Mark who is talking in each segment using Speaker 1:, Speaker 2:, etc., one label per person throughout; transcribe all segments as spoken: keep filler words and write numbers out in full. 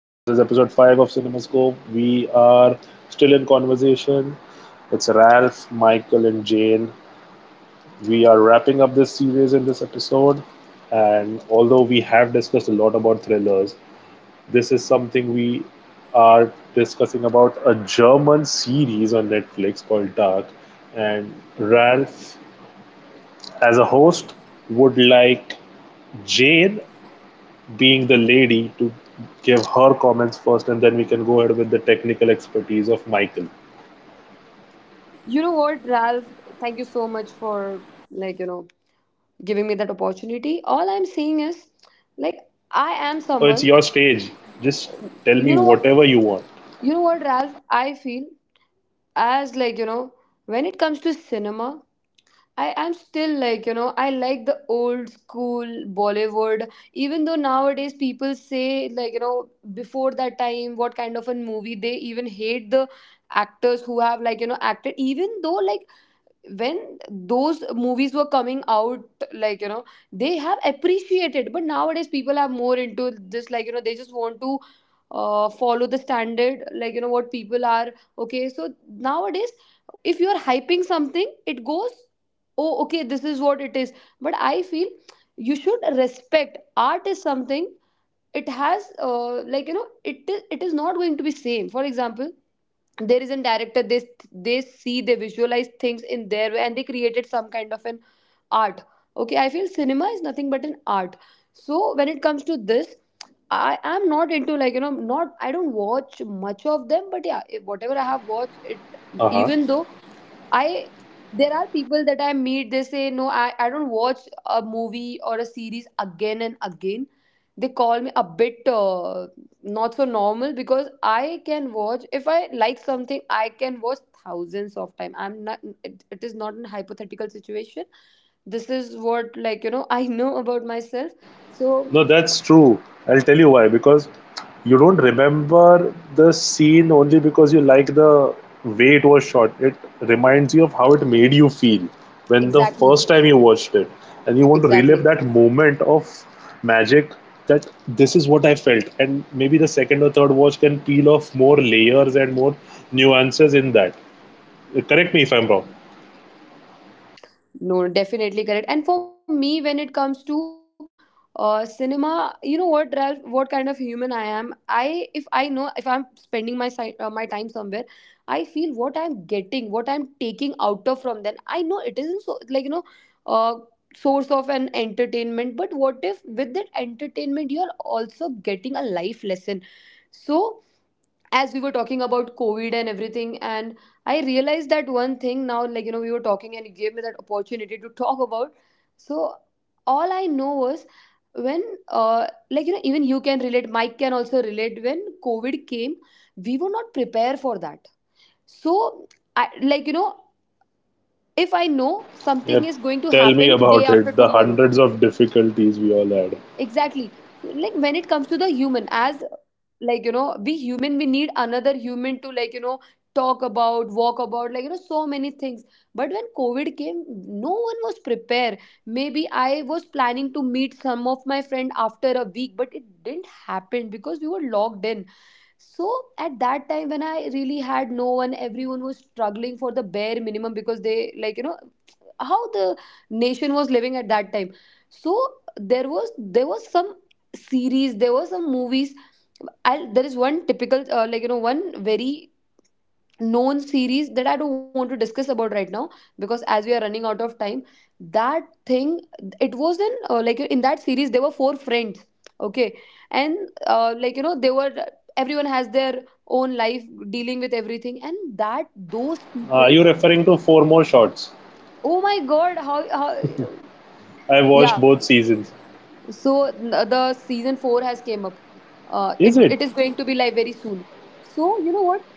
Speaker 1: This is episode five of CinemaScope. We are still in conversation. It's Ralph, Michael, and Jane. We are wrapping up this series in this episode. And although we have discussed a lot about thrillers, this is something we are discussing about a German series on Netflix called Dark. And Ralph, as a host, would like Jane being the lady to give her comments first and then we can go ahead with the technical expertise of Michael.
Speaker 2: You know what, Ralph? Thank you so much for like, you know, giving me that opportunity. All I'm saying is like I am
Speaker 1: Oh, it's
Speaker 2: someone.
Speaker 1: your stage. Just tell me
Speaker 2: you know what,
Speaker 1: whatever you want.
Speaker 2: you know what, Ralph? I feel as like, you know, when it comes to cinema, I am still like, you know, I like the old school Bollywood, even though nowadays people say like, you know, before that time, what kind of a movie, they even hate the actors who have like, you know, acted, even though like when those movies were coming out, like you know they have appreciated. But nowadays people are more into this, like you know they just want to uh, follow the standard, like you know what people are. Okay, so nowadays if you are hyping something it goes, oh, okay, this is what it is. But I feel you should respect art is something. It has uh, like you know it is it is not going to be same. For example, there is a director, they they see, they visualize things in their way, and they created some kind of an art. Okay, I feel cinema is nothing but an art. So when it comes to this, I am not into, like you know not, I don't watch much of them. But yeah, if whatever I have watched it,
Speaker 1: Uh huh.
Speaker 2: even though I there are people that I meet, they say, no, I, I don't watch a movie or a series again and again. They call me a bit uh, not so normal, because I can watch, if I like something, I can watch thousands of time. I'm not it, it is not a hypothetical situation. This is what, like you know I know about myself. So
Speaker 1: No, that's true. I'll tell you why. Because you don't remember the scene only because you like the way it was shot. It reminds you of how it made you feel when the
Speaker 2: exactly,
Speaker 1: first time you watched it. And you want to relive
Speaker 2: exactly.
Speaker 1: that moment of magic that this is what I felt. And maybe the second or third watch can peel off more layers and more nuances in that. Correct me if I'm wrong.
Speaker 2: No, definitely correct. And for me, when it comes to uh, cinema, you know what, Ralph, what kind of human I am. I, if I know, if I'm spending my si- uh, my time somewhere, I feel what I'm getting, what I'm taking out of from them. I know it isn't so, like you know, uh, source of an entertainment. But what if with that entertainment, you're also getting a life lesson? So as we were talking about Covid and everything, and I realized that one thing now, like you know we were talking and it gave me that opportunity to talk about. So all I know was when uh, like you know even you can relate, Mike can also relate, when Covid came we were not prepared for that. So I, like you know if I know something
Speaker 1: Yeah,
Speaker 2: is going to
Speaker 1: tell me
Speaker 2: happen day
Speaker 1: about
Speaker 2: after
Speaker 1: it. The
Speaker 2: tomorrow.
Speaker 1: hundreds of difficulties we all had.
Speaker 2: Exactly. So, like when it comes to the human, as like you know we human, we need another human to, like you know talk about, walk about, like you know so many things. But when Covid came, no one was prepared. Maybe I was planning to meet some of my friend after a week, but it didn't happen because we were locked in. So at that time when I really had no one, everyone was struggling for the bare minimum, because they, like you know how the nation was living at that time. So there was there was some series, there were some movies. I'll, there is one typical uh, like you know one very known series that I don't want to discuss about right now, because as we are running out of time. That thing, it was in uh, like in that series there were four friends. Okay. And uh, like you know they were, everyone has their own life dealing with everything, and that those
Speaker 1: Are
Speaker 2: people.
Speaker 1: you referring to four more shots?
Speaker 2: Oh my god, how, how
Speaker 1: I watched
Speaker 2: Yeah.
Speaker 1: both seasons.
Speaker 2: So n- uh, the season four has came up. uh,
Speaker 1: Is
Speaker 2: it
Speaker 1: it?
Speaker 2: it is going to be live very soon. So you know what,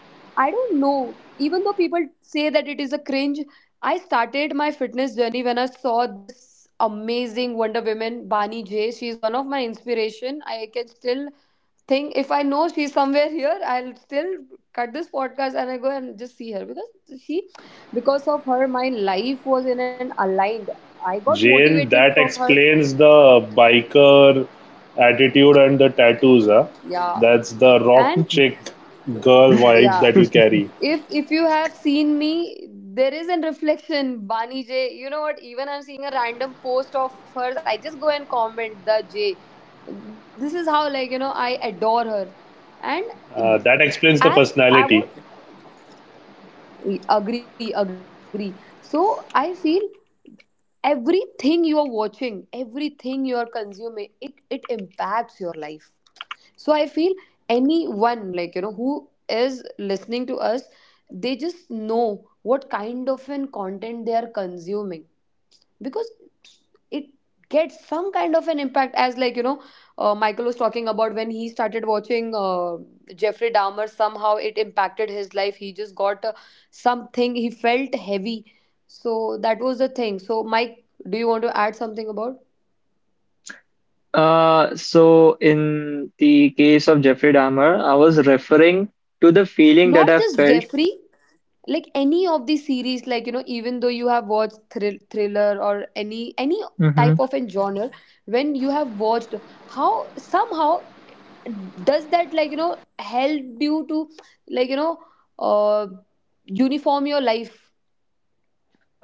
Speaker 2: I don't know, even though people say that it is a cringe, I started my fitness journey when I saw this amazing Wonder Woman, Bani J. She is one of my inspiration. I can still think, if I know she's somewhere here, I'll still cut this podcast and I go and just see her, because she, because of her my life was in an aligned. I got
Speaker 1: Jane,
Speaker 2: motivated
Speaker 1: that
Speaker 2: from her.
Speaker 1: explains the biker attitude and the tattoos. Huh?
Speaker 2: Yeah.
Speaker 1: That's the
Speaker 2: And,
Speaker 1: rock chick girl vibe
Speaker 2: yeah.
Speaker 1: that you carry.
Speaker 2: If if you have seen me, there is a reflection, Bani J. You know what? Even I'm seeing a random post of hers, I just go and comment the J. This is how, like you know I adore her, and
Speaker 1: Uh, that explains the
Speaker 2: as I
Speaker 1: personality.
Speaker 2: would agree, agree. So I feel everything you are watching, everything you are consuming, it it impacts your life. So I feel anyone, like, you know, who is listening to us, they just know what kind of an content they are consuming, because it gets some kind of an impact, as like you know uh, Michael was talking about when he started watching uh, Jeffrey Dahmer, somehow it impacted his life, he just got uh, something, he felt heavy. So that was the thing. So Mike, do you want to add something about?
Speaker 3: Uh, so in the case of Jeffrey Dahmer, I was referring to the feeling that
Speaker 2: Not
Speaker 3: I
Speaker 2: just
Speaker 3: felt.
Speaker 2: Jeffrey, like any of the series, like you know even though you have watched thrill, thriller or any any type
Speaker 3: Mhm.
Speaker 2: of a genre, when you have watched, how somehow does that, like you know help you to, like you know uh uniform your life.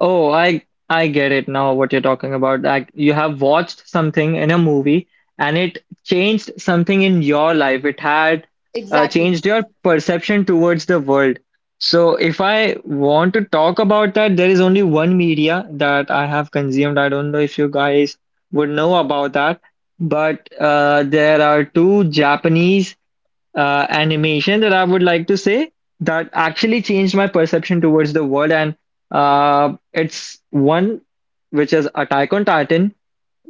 Speaker 3: Oh, I I get it now what you're talking about. That you have watched something in a movie and it changed something in your life. It had uh,
Speaker 2: Exactly.
Speaker 3: changed your perception towards the world. So if I want to talk about that, there is only one media that I have consumed. I don't know if you guys would know about that, but uh, there are two Japanese uh, animation that I would like to say that actually changed my perception towards the world. And uh, it's one which is Attack on Titan.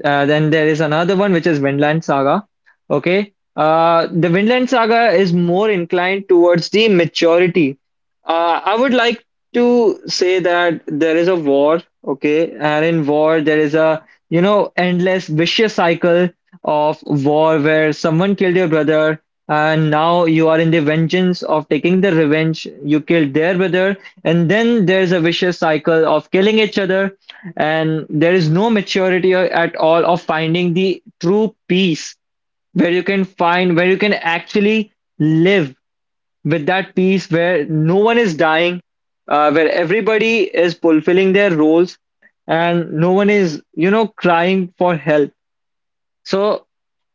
Speaker 3: Uh, then there is another one which is Vinland Saga. Okay. Uh, the Vinland Saga is more inclined towards the maturity. Uh, I would like to say that there is a war, okay, and in war there is a you know endless vicious cycle of war where someone killed your brother and now you are in the vengeance of taking the revenge. You killed their brother, and then there's a vicious cycle of killing each other, and there is no maturity or- at all of finding the true peace where you can find, where you can actually live with that peace, where no one is dying, uh, where everybody is fulfilling their roles and no one is you know crying for help. So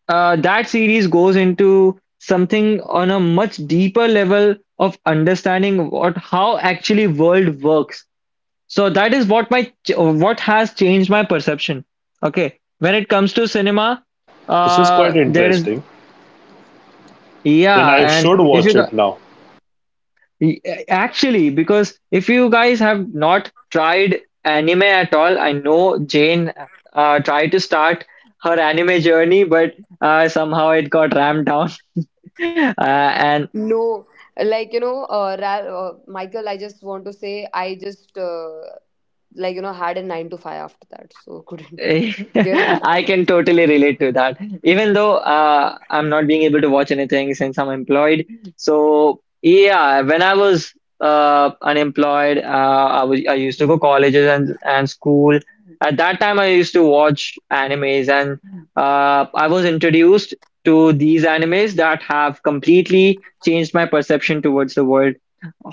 Speaker 3: uh, that series goes into something on a much deeper level of understanding what, how actually world works. So that is what my what has changed my perception. Okay, when it comes to cinema,
Speaker 1: This is
Speaker 3: uh,
Speaker 1: quite
Speaker 3: there is,
Speaker 1: interesting. Then
Speaker 3: yeah,
Speaker 1: I
Speaker 3: and
Speaker 1: should
Speaker 3: if you
Speaker 1: watch
Speaker 3: gu-
Speaker 1: it now.
Speaker 3: actually, because if you guys have not tried anime at all, I know Jane uh, tried to start her anime journey, but uh, somehow it got rammed down. Uh, and
Speaker 2: No, like you know uh, Ra- uh Michael, I just want to say, I just uh, like you know had a nine to five after that, so couldn't give that
Speaker 3: I
Speaker 2: much.
Speaker 3: can totally relate to that. Even though uh, I'm not being able to watch anything since I'm employed. So yeah, when I was uh, unemployed, uh, I was I used to go colleges and and school. At that time, I used to watch animes, and uh, I was introduced to these animes that have completely changed my perception towards the world,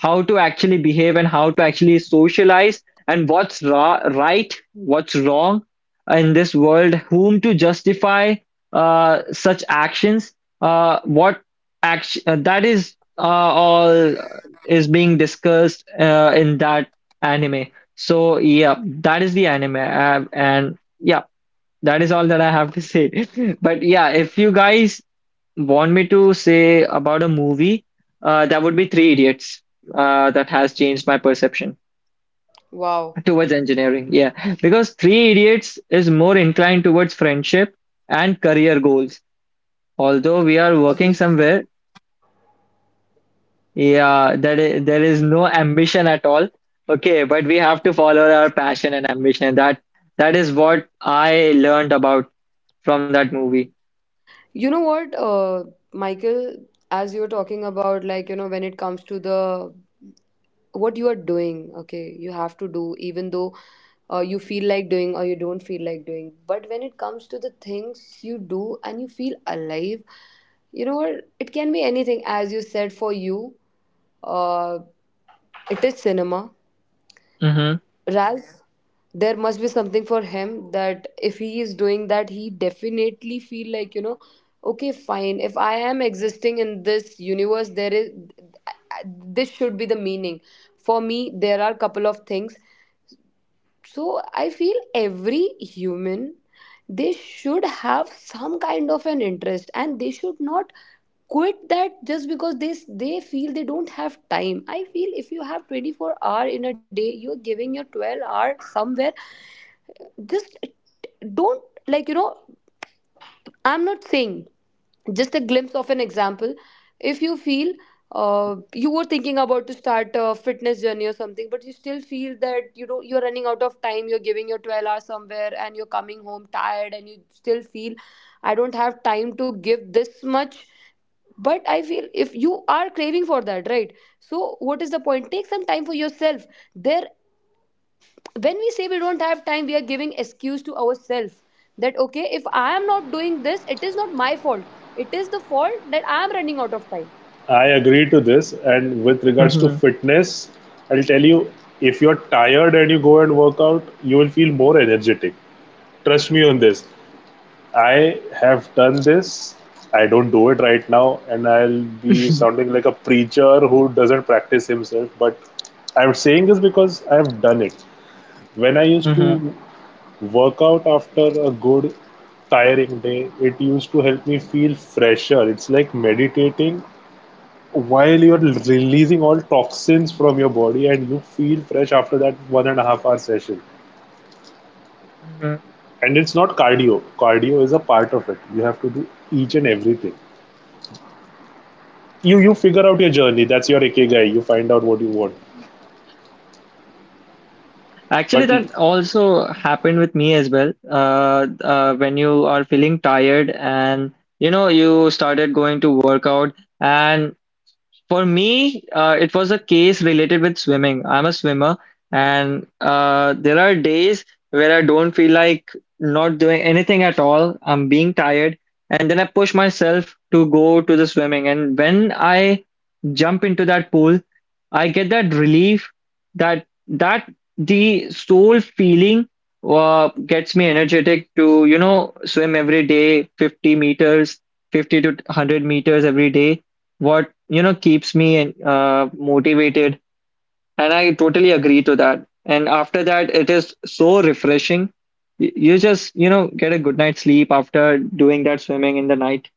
Speaker 3: how to actually behave and how to actually socialize, and what's ra- right, what's wrong in this world, whom to justify uh, such actions, uh, what action uh, that is, uh, all is being discussed uh, in that anime. So yeah, that is the anime, uh, and yeah, that is all that I have to say. But yeah, if you guys want me to say about a movie, uh, that would be Three Idiots. Uh, that has changed my perception
Speaker 2: Wow.
Speaker 3: towards engineering. Yeah, because Three Idiots is more inclined towards friendship and career goals. Although we are working
Speaker 2: Agree.
Speaker 3: somewhere, yeah, that is, there is no ambition at all. Okay, but we have to follow our passion and ambition. That that is what I learned about from that movie.
Speaker 2: You know what, uh, Michael, as you're talking about, like, you know, when it comes to the what you are doing, okay, you have to do, even though uh, you feel like doing or you don't feel like doing. But when it comes to the things you do and you feel alive, you know what, it can be anything, as you said, for you, uh, it is cinema.
Speaker 3: Mm-hmm.
Speaker 2: Ralph, there must be something for him that if he is doing that, he definitely feel like, you know, okay, fine. If I am existing in this universe, there is this should be the meaning. For me, there are couple of things. So I feel every human, they should have some kind of an interest, and they should not quit that just because they they feel they don't have time. I feel if you have twenty-four hour in a day, you're giving your twelve hour somewhere. Just don't, like you know I'm not saying, just a glimpse of an example. If you feel uh, you were thinking about to start a fitness journey or something, but you still feel that you know you're running out of time, you're giving your twelve hours somewhere, and you're coming home tired, and you still feel, I don't have time to give this much. But I feel, if you are craving for that, right? So what is the point? Take some time for yourself. There, when we say we don't have time, we are giving excuse to ourselves that, okay, if I am not doing this it is not my fault, it is the fault that I am running out of time.
Speaker 1: I agree to this. And with regards to fitness, I'll tell you if you're tired and you go and work out, you will feel more energetic. Trust me on this. I have done this. I don't do it right now, and I'll be
Speaker 3: Mm-hmm.
Speaker 1: sounding like a preacher who doesn't practice himself. But I'm saying this because I've done it. When I used to work out after a good, tiring day, it used to help me feel fresher. It's like meditating while you're releasing all toxins from your body, and you feel fresh after that one and a half hour session.
Speaker 3: Mm-hmm.
Speaker 1: And it's not cardio, cardio is a part of it. You have to do each and everything, you you figure out your journey. That's your ikigai. You find out what you want.
Speaker 3: Actually,
Speaker 1: But
Speaker 3: that also happened with me as well. Uh, uh, when you are feeling tired and you know you started going to workout, and for me, uh, it was a case related with swimming. I'm a swimmer, and uh, there are days where I don't feel like not doing anything at all. I'm being tired, and then I push myself to go to the swimming. And when I jump into that pool, I get that relief that that the soul feeling uh, gets me energetic to you know swim every day, fifty meters, fifty to one hundred meters every day, what you know keeps me uh, motivated. And I totally agree to that, and after that it is so refreshing. Y- you just you know get a good night's sleep after doing that swimming in the night.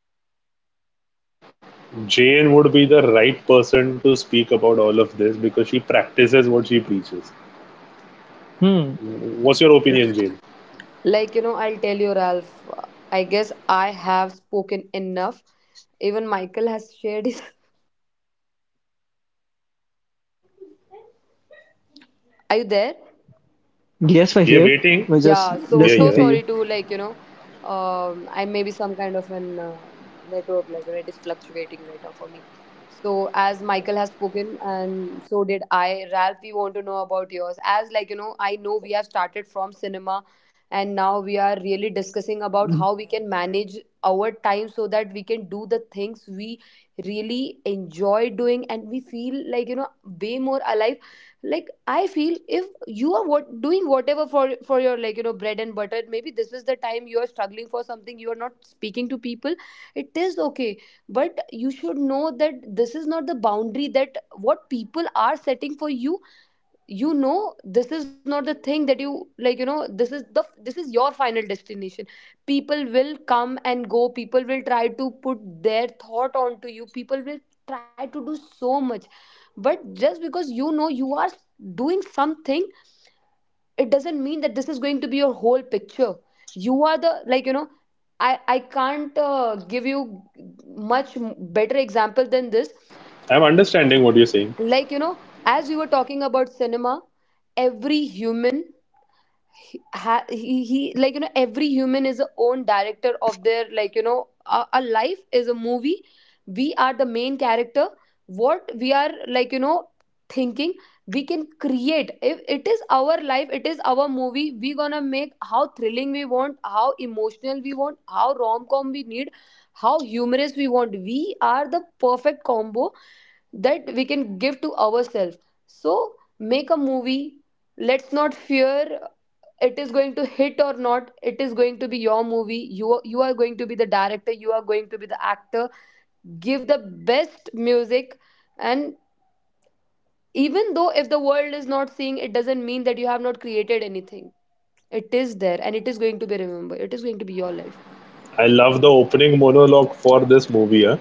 Speaker 1: Jane would be the right person to speak about all of this because she practices what she preaches.
Speaker 3: Hmm.
Speaker 1: What's your opinion, Jane?
Speaker 2: Like you know I'll tell you Ralph, I guess I have spoken enough. Even Michael has shared his are you there?
Speaker 3: Yes, we're
Speaker 1: We are
Speaker 3: here.
Speaker 1: waiting.
Speaker 3: We're just
Speaker 2: Yeah, so
Speaker 1: We are
Speaker 2: so
Speaker 3: listening to
Speaker 1: here.
Speaker 3: you.
Speaker 2: sorry to, like, you know, um, I may be some kind of an uh, network, like you know, it is fluctuating right now for me. So as Michael has spoken and so did I, Ralph, we want to know about yours. As, like, you know, I know we have started from cinema, and now we are really discussing about how we can manage our time so that we can do the things we really enjoy doing, and we feel like, you know, way more alive. Like I feel if you are what doing whatever for for your, like you know bread and butter, maybe this is the time you are struggling for something, you are not speaking to people. It is okay, but you should know that this is not the boundary that what people are setting for you. You know This is not the thing that you, like you know this is the this is your final destination. People will come and go, people will try to put their thought onto you, people will try to do so much. But just because you know you are doing something, it doesn't mean that this is going to be your whole picture. You are the like you know i i can't uh, give you much better example than this.
Speaker 1: I'm understanding what you're saying.
Speaker 2: Like you know as we were talking about cinema, every human, he, ha, he, he like you know every human is a own director of their, like you know a, a life is a movie. We are the main character. What we are, like you know thinking, we can create. If it is our life, it is our movie, we gonna make how thrilling we want, how emotional we want, how rom-com we need, how humorous we want. We are the perfect combo that we can give to ourselves. So make a movie. Let's not fear, it is going to hit or not. It is going to be your movie. You are, you are going to be the director, you are going to be the actor. Give the best music. And even though if the world is not seeing, it doesn't mean that you have not created anything. It is there, and it is going to be remembered. It is going to be your life.
Speaker 1: I love the opening monologue for this movie, huh?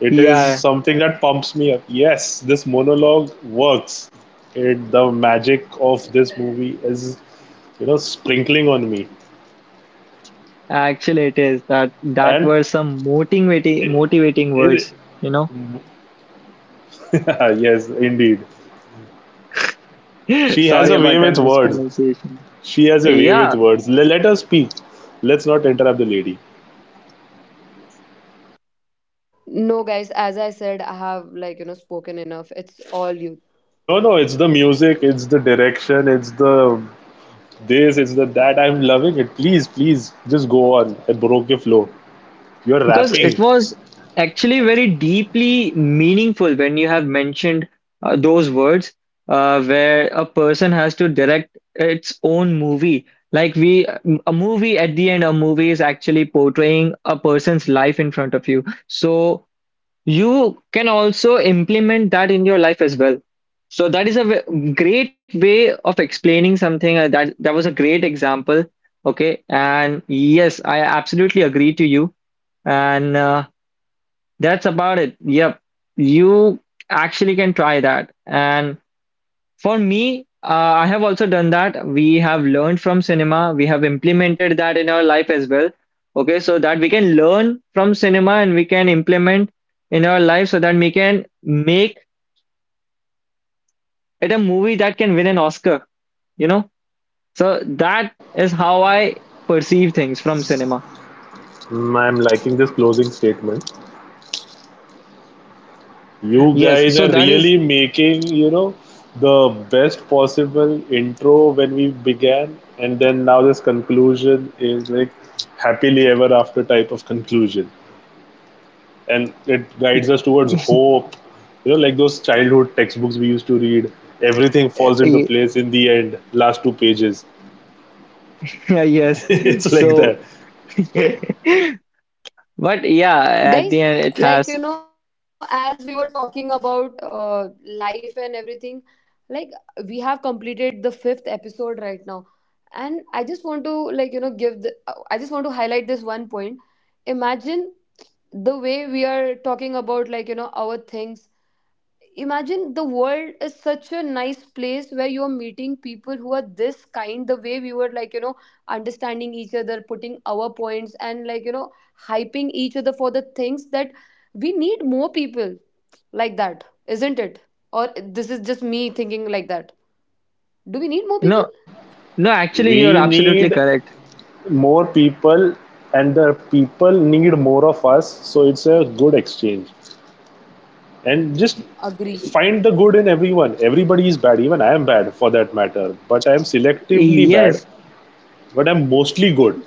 Speaker 1: It is
Speaker 3: Yeah,
Speaker 1: something that pumps me up. Yes, this monologue works. It, the magic of this movie is, you know, sprinkling on me.
Speaker 3: actually it is that that
Speaker 1: and
Speaker 3: were some motivating
Speaker 1: it,
Speaker 3: motivating
Speaker 1: it,
Speaker 3: words, you know.
Speaker 1: yes, indeed. She has
Speaker 3: Sorry
Speaker 1: a way
Speaker 3: about that
Speaker 1: with words.
Speaker 3: mispronunciation.
Speaker 1: She has a way with
Speaker 3: Yeah.
Speaker 1: words. Le- let her speak. Let's not interrupt the lady.
Speaker 2: No guys, as I said, I have, like you know spoken enough, it's all you.
Speaker 1: No, no, it's the music, it's the direction, it's the this, it's the that. I'm loving it. Please, please, just go on. I broke your flow. You're
Speaker 3: Because
Speaker 1: rapping.
Speaker 3: it was actually very deeply meaningful when you have mentioned uh, those words uh, where a person has to direct its own movie. Like we, a movie at the end, a movie is actually portraying a person's life in front of you. So you can also implement that in your life as well. So that is a w- great way of explaining something. uh, That that was a great example. Okay, and yes, I absolutely agree to you. And uh, that's about it. Yep. You actually can try that. And for me, uh, I have also done that. We have learned from cinema. We have implemented that in our life as well. Okay, so that we can learn from cinema and we can implement in our life, so that we can make it a movie that can win an Oscar, you know? So that is how I perceive things from cinema.
Speaker 1: Mm, I'm liking this closing statement. You
Speaker 3: Yes,
Speaker 1: guys
Speaker 3: so
Speaker 1: are
Speaker 3: that is,
Speaker 1: really making, you know, the best possible intro when we began, and then now this conclusion is like happily ever after type of conclusion. And it guides us towards hope, you know, like those childhood textbooks we used to read. Everything falls into
Speaker 3: yeah,
Speaker 1: place in the end, last two pages.
Speaker 3: yes.
Speaker 1: It's like
Speaker 3: So
Speaker 1: that.
Speaker 3: But yeah, at the end it has,
Speaker 2: Guys, like you know as we were talking about uh, life and everything, like we have completed the fifth episode right now. And I just want to, like you know give the uh, I just want to highlight this one point. Imagine the way we are talking about, like you know our things. Imagine the world is such a nice place where you're meeting people who are this kind, the way we were, like you know understanding each other, putting our points, and like you know hyping each other for the things that we need more people, like that, isn't it? Or this is just me thinking like that.
Speaker 3: no,
Speaker 2: Do
Speaker 3: no,
Speaker 2: we need more
Speaker 3: actually
Speaker 2: people?
Speaker 3: you're
Speaker 1: We
Speaker 3: absolutely
Speaker 1: need
Speaker 3: correct.
Speaker 1: more people, and the people need more of us, so it's a good exchange. And just find the good in everyone.
Speaker 2: Agree,
Speaker 1: Everybody is bad, even I am bad for that matter, but I am selectively bad,
Speaker 3: Yes.
Speaker 1: but I'm mostly good.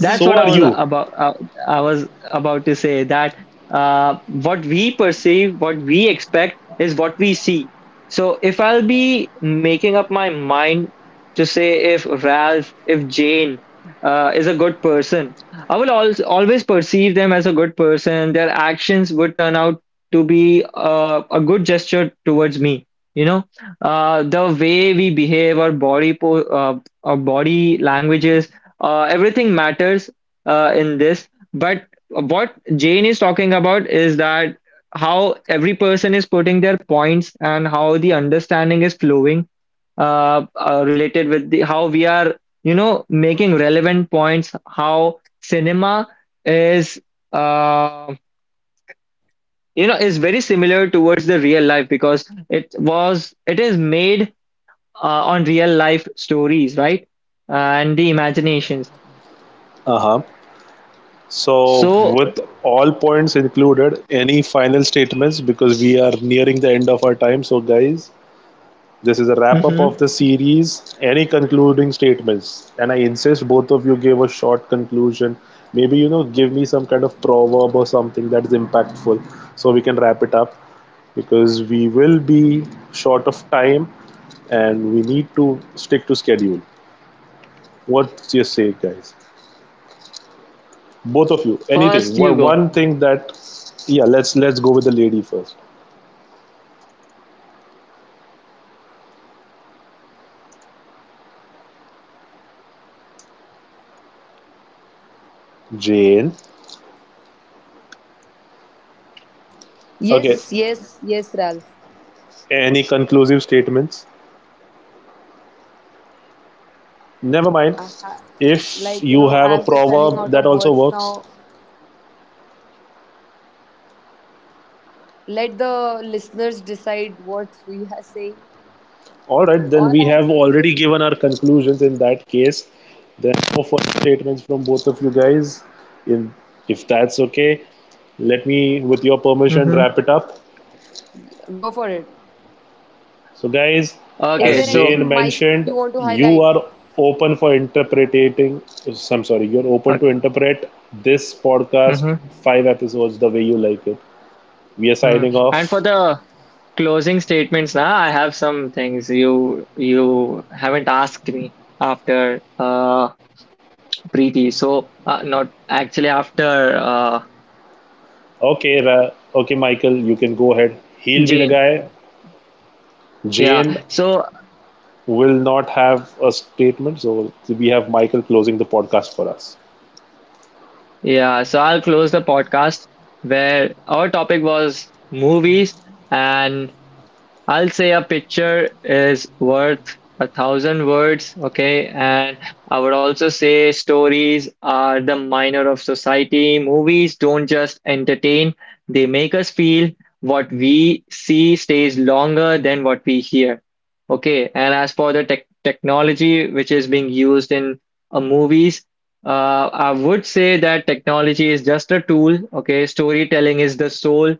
Speaker 3: That's what I
Speaker 1: are
Speaker 3: was
Speaker 1: you.
Speaker 3: about. Uh,
Speaker 2: agree.
Speaker 3: I was about to say that uh, what we perceive, what we expect, is what we see. So if I'll be making up my mind to say if Ralph, if Jane uh, is a good person, I will al always perceive them as a good person. Their actions would turn out to be uh, a good gesture towards me. You know, uh, the way we behave, our body po uh, our body languages, uh, everything matters uh, in this. But what Jane is talking about is that how every person is putting their points and how the understanding is flowing, uh, uh, related with the how we are you know making relevant points, how cinema is, uh, you know is very similar towards the real life, because it was it is made uh, on real life stories, right? And the imaginations.
Speaker 1: Uh-huh. So
Speaker 3: So
Speaker 1: with all points included, any final statements? Because we are nearing the end of our time, so guys, this is a wrap up of
Speaker 3: mhm.
Speaker 1: the series. Any concluding statements? And I insist both of you give a short conclusion. Maybe, you know, give me some kind of proverb or something that is impactful so we can wrap it up, because we will be short of time and we need to stick to schedule. What's your say, guys? Both of you, anything.
Speaker 3: First, you go.
Speaker 1: One thing that, yeah, let's let's go with the lady first. Jane. Okay.
Speaker 2: Yes, yes, yes, Ralph.
Speaker 1: Any conclusive statements? Never mind.
Speaker 2: I ha-
Speaker 1: If
Speaker 2: like you
Speaker 1: you
Speaker 2: know
Speaker 1: have a
Speaker 2: I'm just running
Speaker 1: proverb
Speaker 2: out
Speaker 1: that
Speaker 2: of
Speaker 1: also
Speaker 2: words
Speaker 1: works,
Speaker 2: now. Let the listeners decide what we are saying.
Speaker 1: all
Speaker 2: So
Speaker 1: right, then
Speaker 2: all
Speaker 1: we
Speaker 2: I'm
Speaker 1: have
Speaker 2: saying
Speaker 1: already
Speaker 2: is,
Speaker 1: given our conclusions in that case. Then no further statements from both of you guys. If, if that's okay, let me, with your
Speaker 3: Mm-hmm.
Speaker 1: permission, wrap it up.
Speaker 2: go for it.
Speaker 1: So, guys,
Speaker 3: Okay,
Speaker 2: Is
Speaker 1: as
Speaker 2: there
Speaker 3: so
Speaker 2: anything,
Speaker 1: Jane
Speaker 2: Mike,
Speaker 1: mentioned,
Speaker 2: you want to
Speaker 1: you
Speaker 2: highlight?
Speaker 1: are open for interpreting. I'm sorry, you're
Speaker 3: uh,
Speaker 1: open to interpret this podcast,
Speaker 3: mhm,
Speaker 1: five episodes, the way you like it. We are
Speaker 3: mm.
Speaker 1: signing
Speaker 3: And for
Speaker 1: off.
Speaker 3: the closing statements, now I have some things you you haven't asked me after uh Preeti. So uh, not actually after uh
Speaker 1: Okay, Ra- okay, Michael, you can go ahead. He'll be the
Speaker 3: Jane.
Speaker 1: guy. Jane
Speaker 3: Yeah. So
Speaker 1: will not have a statement, so we have Michael closing the podcast for us.
Speaker 3: yeah. So I'll close the podcast where our topic was movies, and I'll say a picture is worth a thousand words, okay? And I would also say stories are the minor of society. Movies don't just entertain, they make us feel. What we see stays longer than what we hear. Okay, and as for the tech technology which is being used in uh, movies, uh, I would say that technology is just a tool, okay? Storytelling is the soul,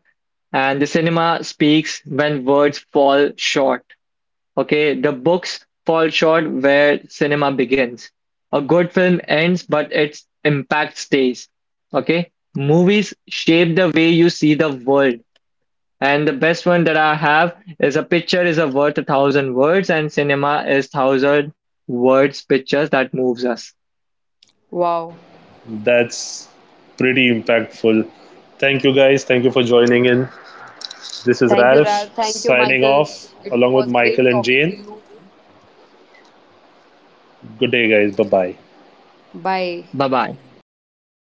Speaker 3: and the cinema speaks when words fall short. Okay, the books fall short where cinema begins. A good film ends, but its impact stays. Okay, movies shape the way you see the world. And the best one that I have is, a picture is a worth a thousand words, and cinema is thousand words pictures that moves us.
Speaker 2: Wow.
Speaker 1: That's pretty impactful. Thank you, guys. Thank you for joining in. This is
Speaker 2: Thank you,
Speaker 1: Ralph
Speaker 2: Ralph. Thank you,
Speaker 1: signing
Speaker 2: Michael.
Speaker 1: off
Speaker 2: It
Speaker 1: along with
Speaker 2: was great
Speaker 1: Michael and
Speaker 2: talking to
Speaker 1: Jane.
Speaker 2: you.
Speaker 1: Good day, guys. Bye bye.
Speaker 2: Bye.
Speaker 3: Bye bye. Signing off.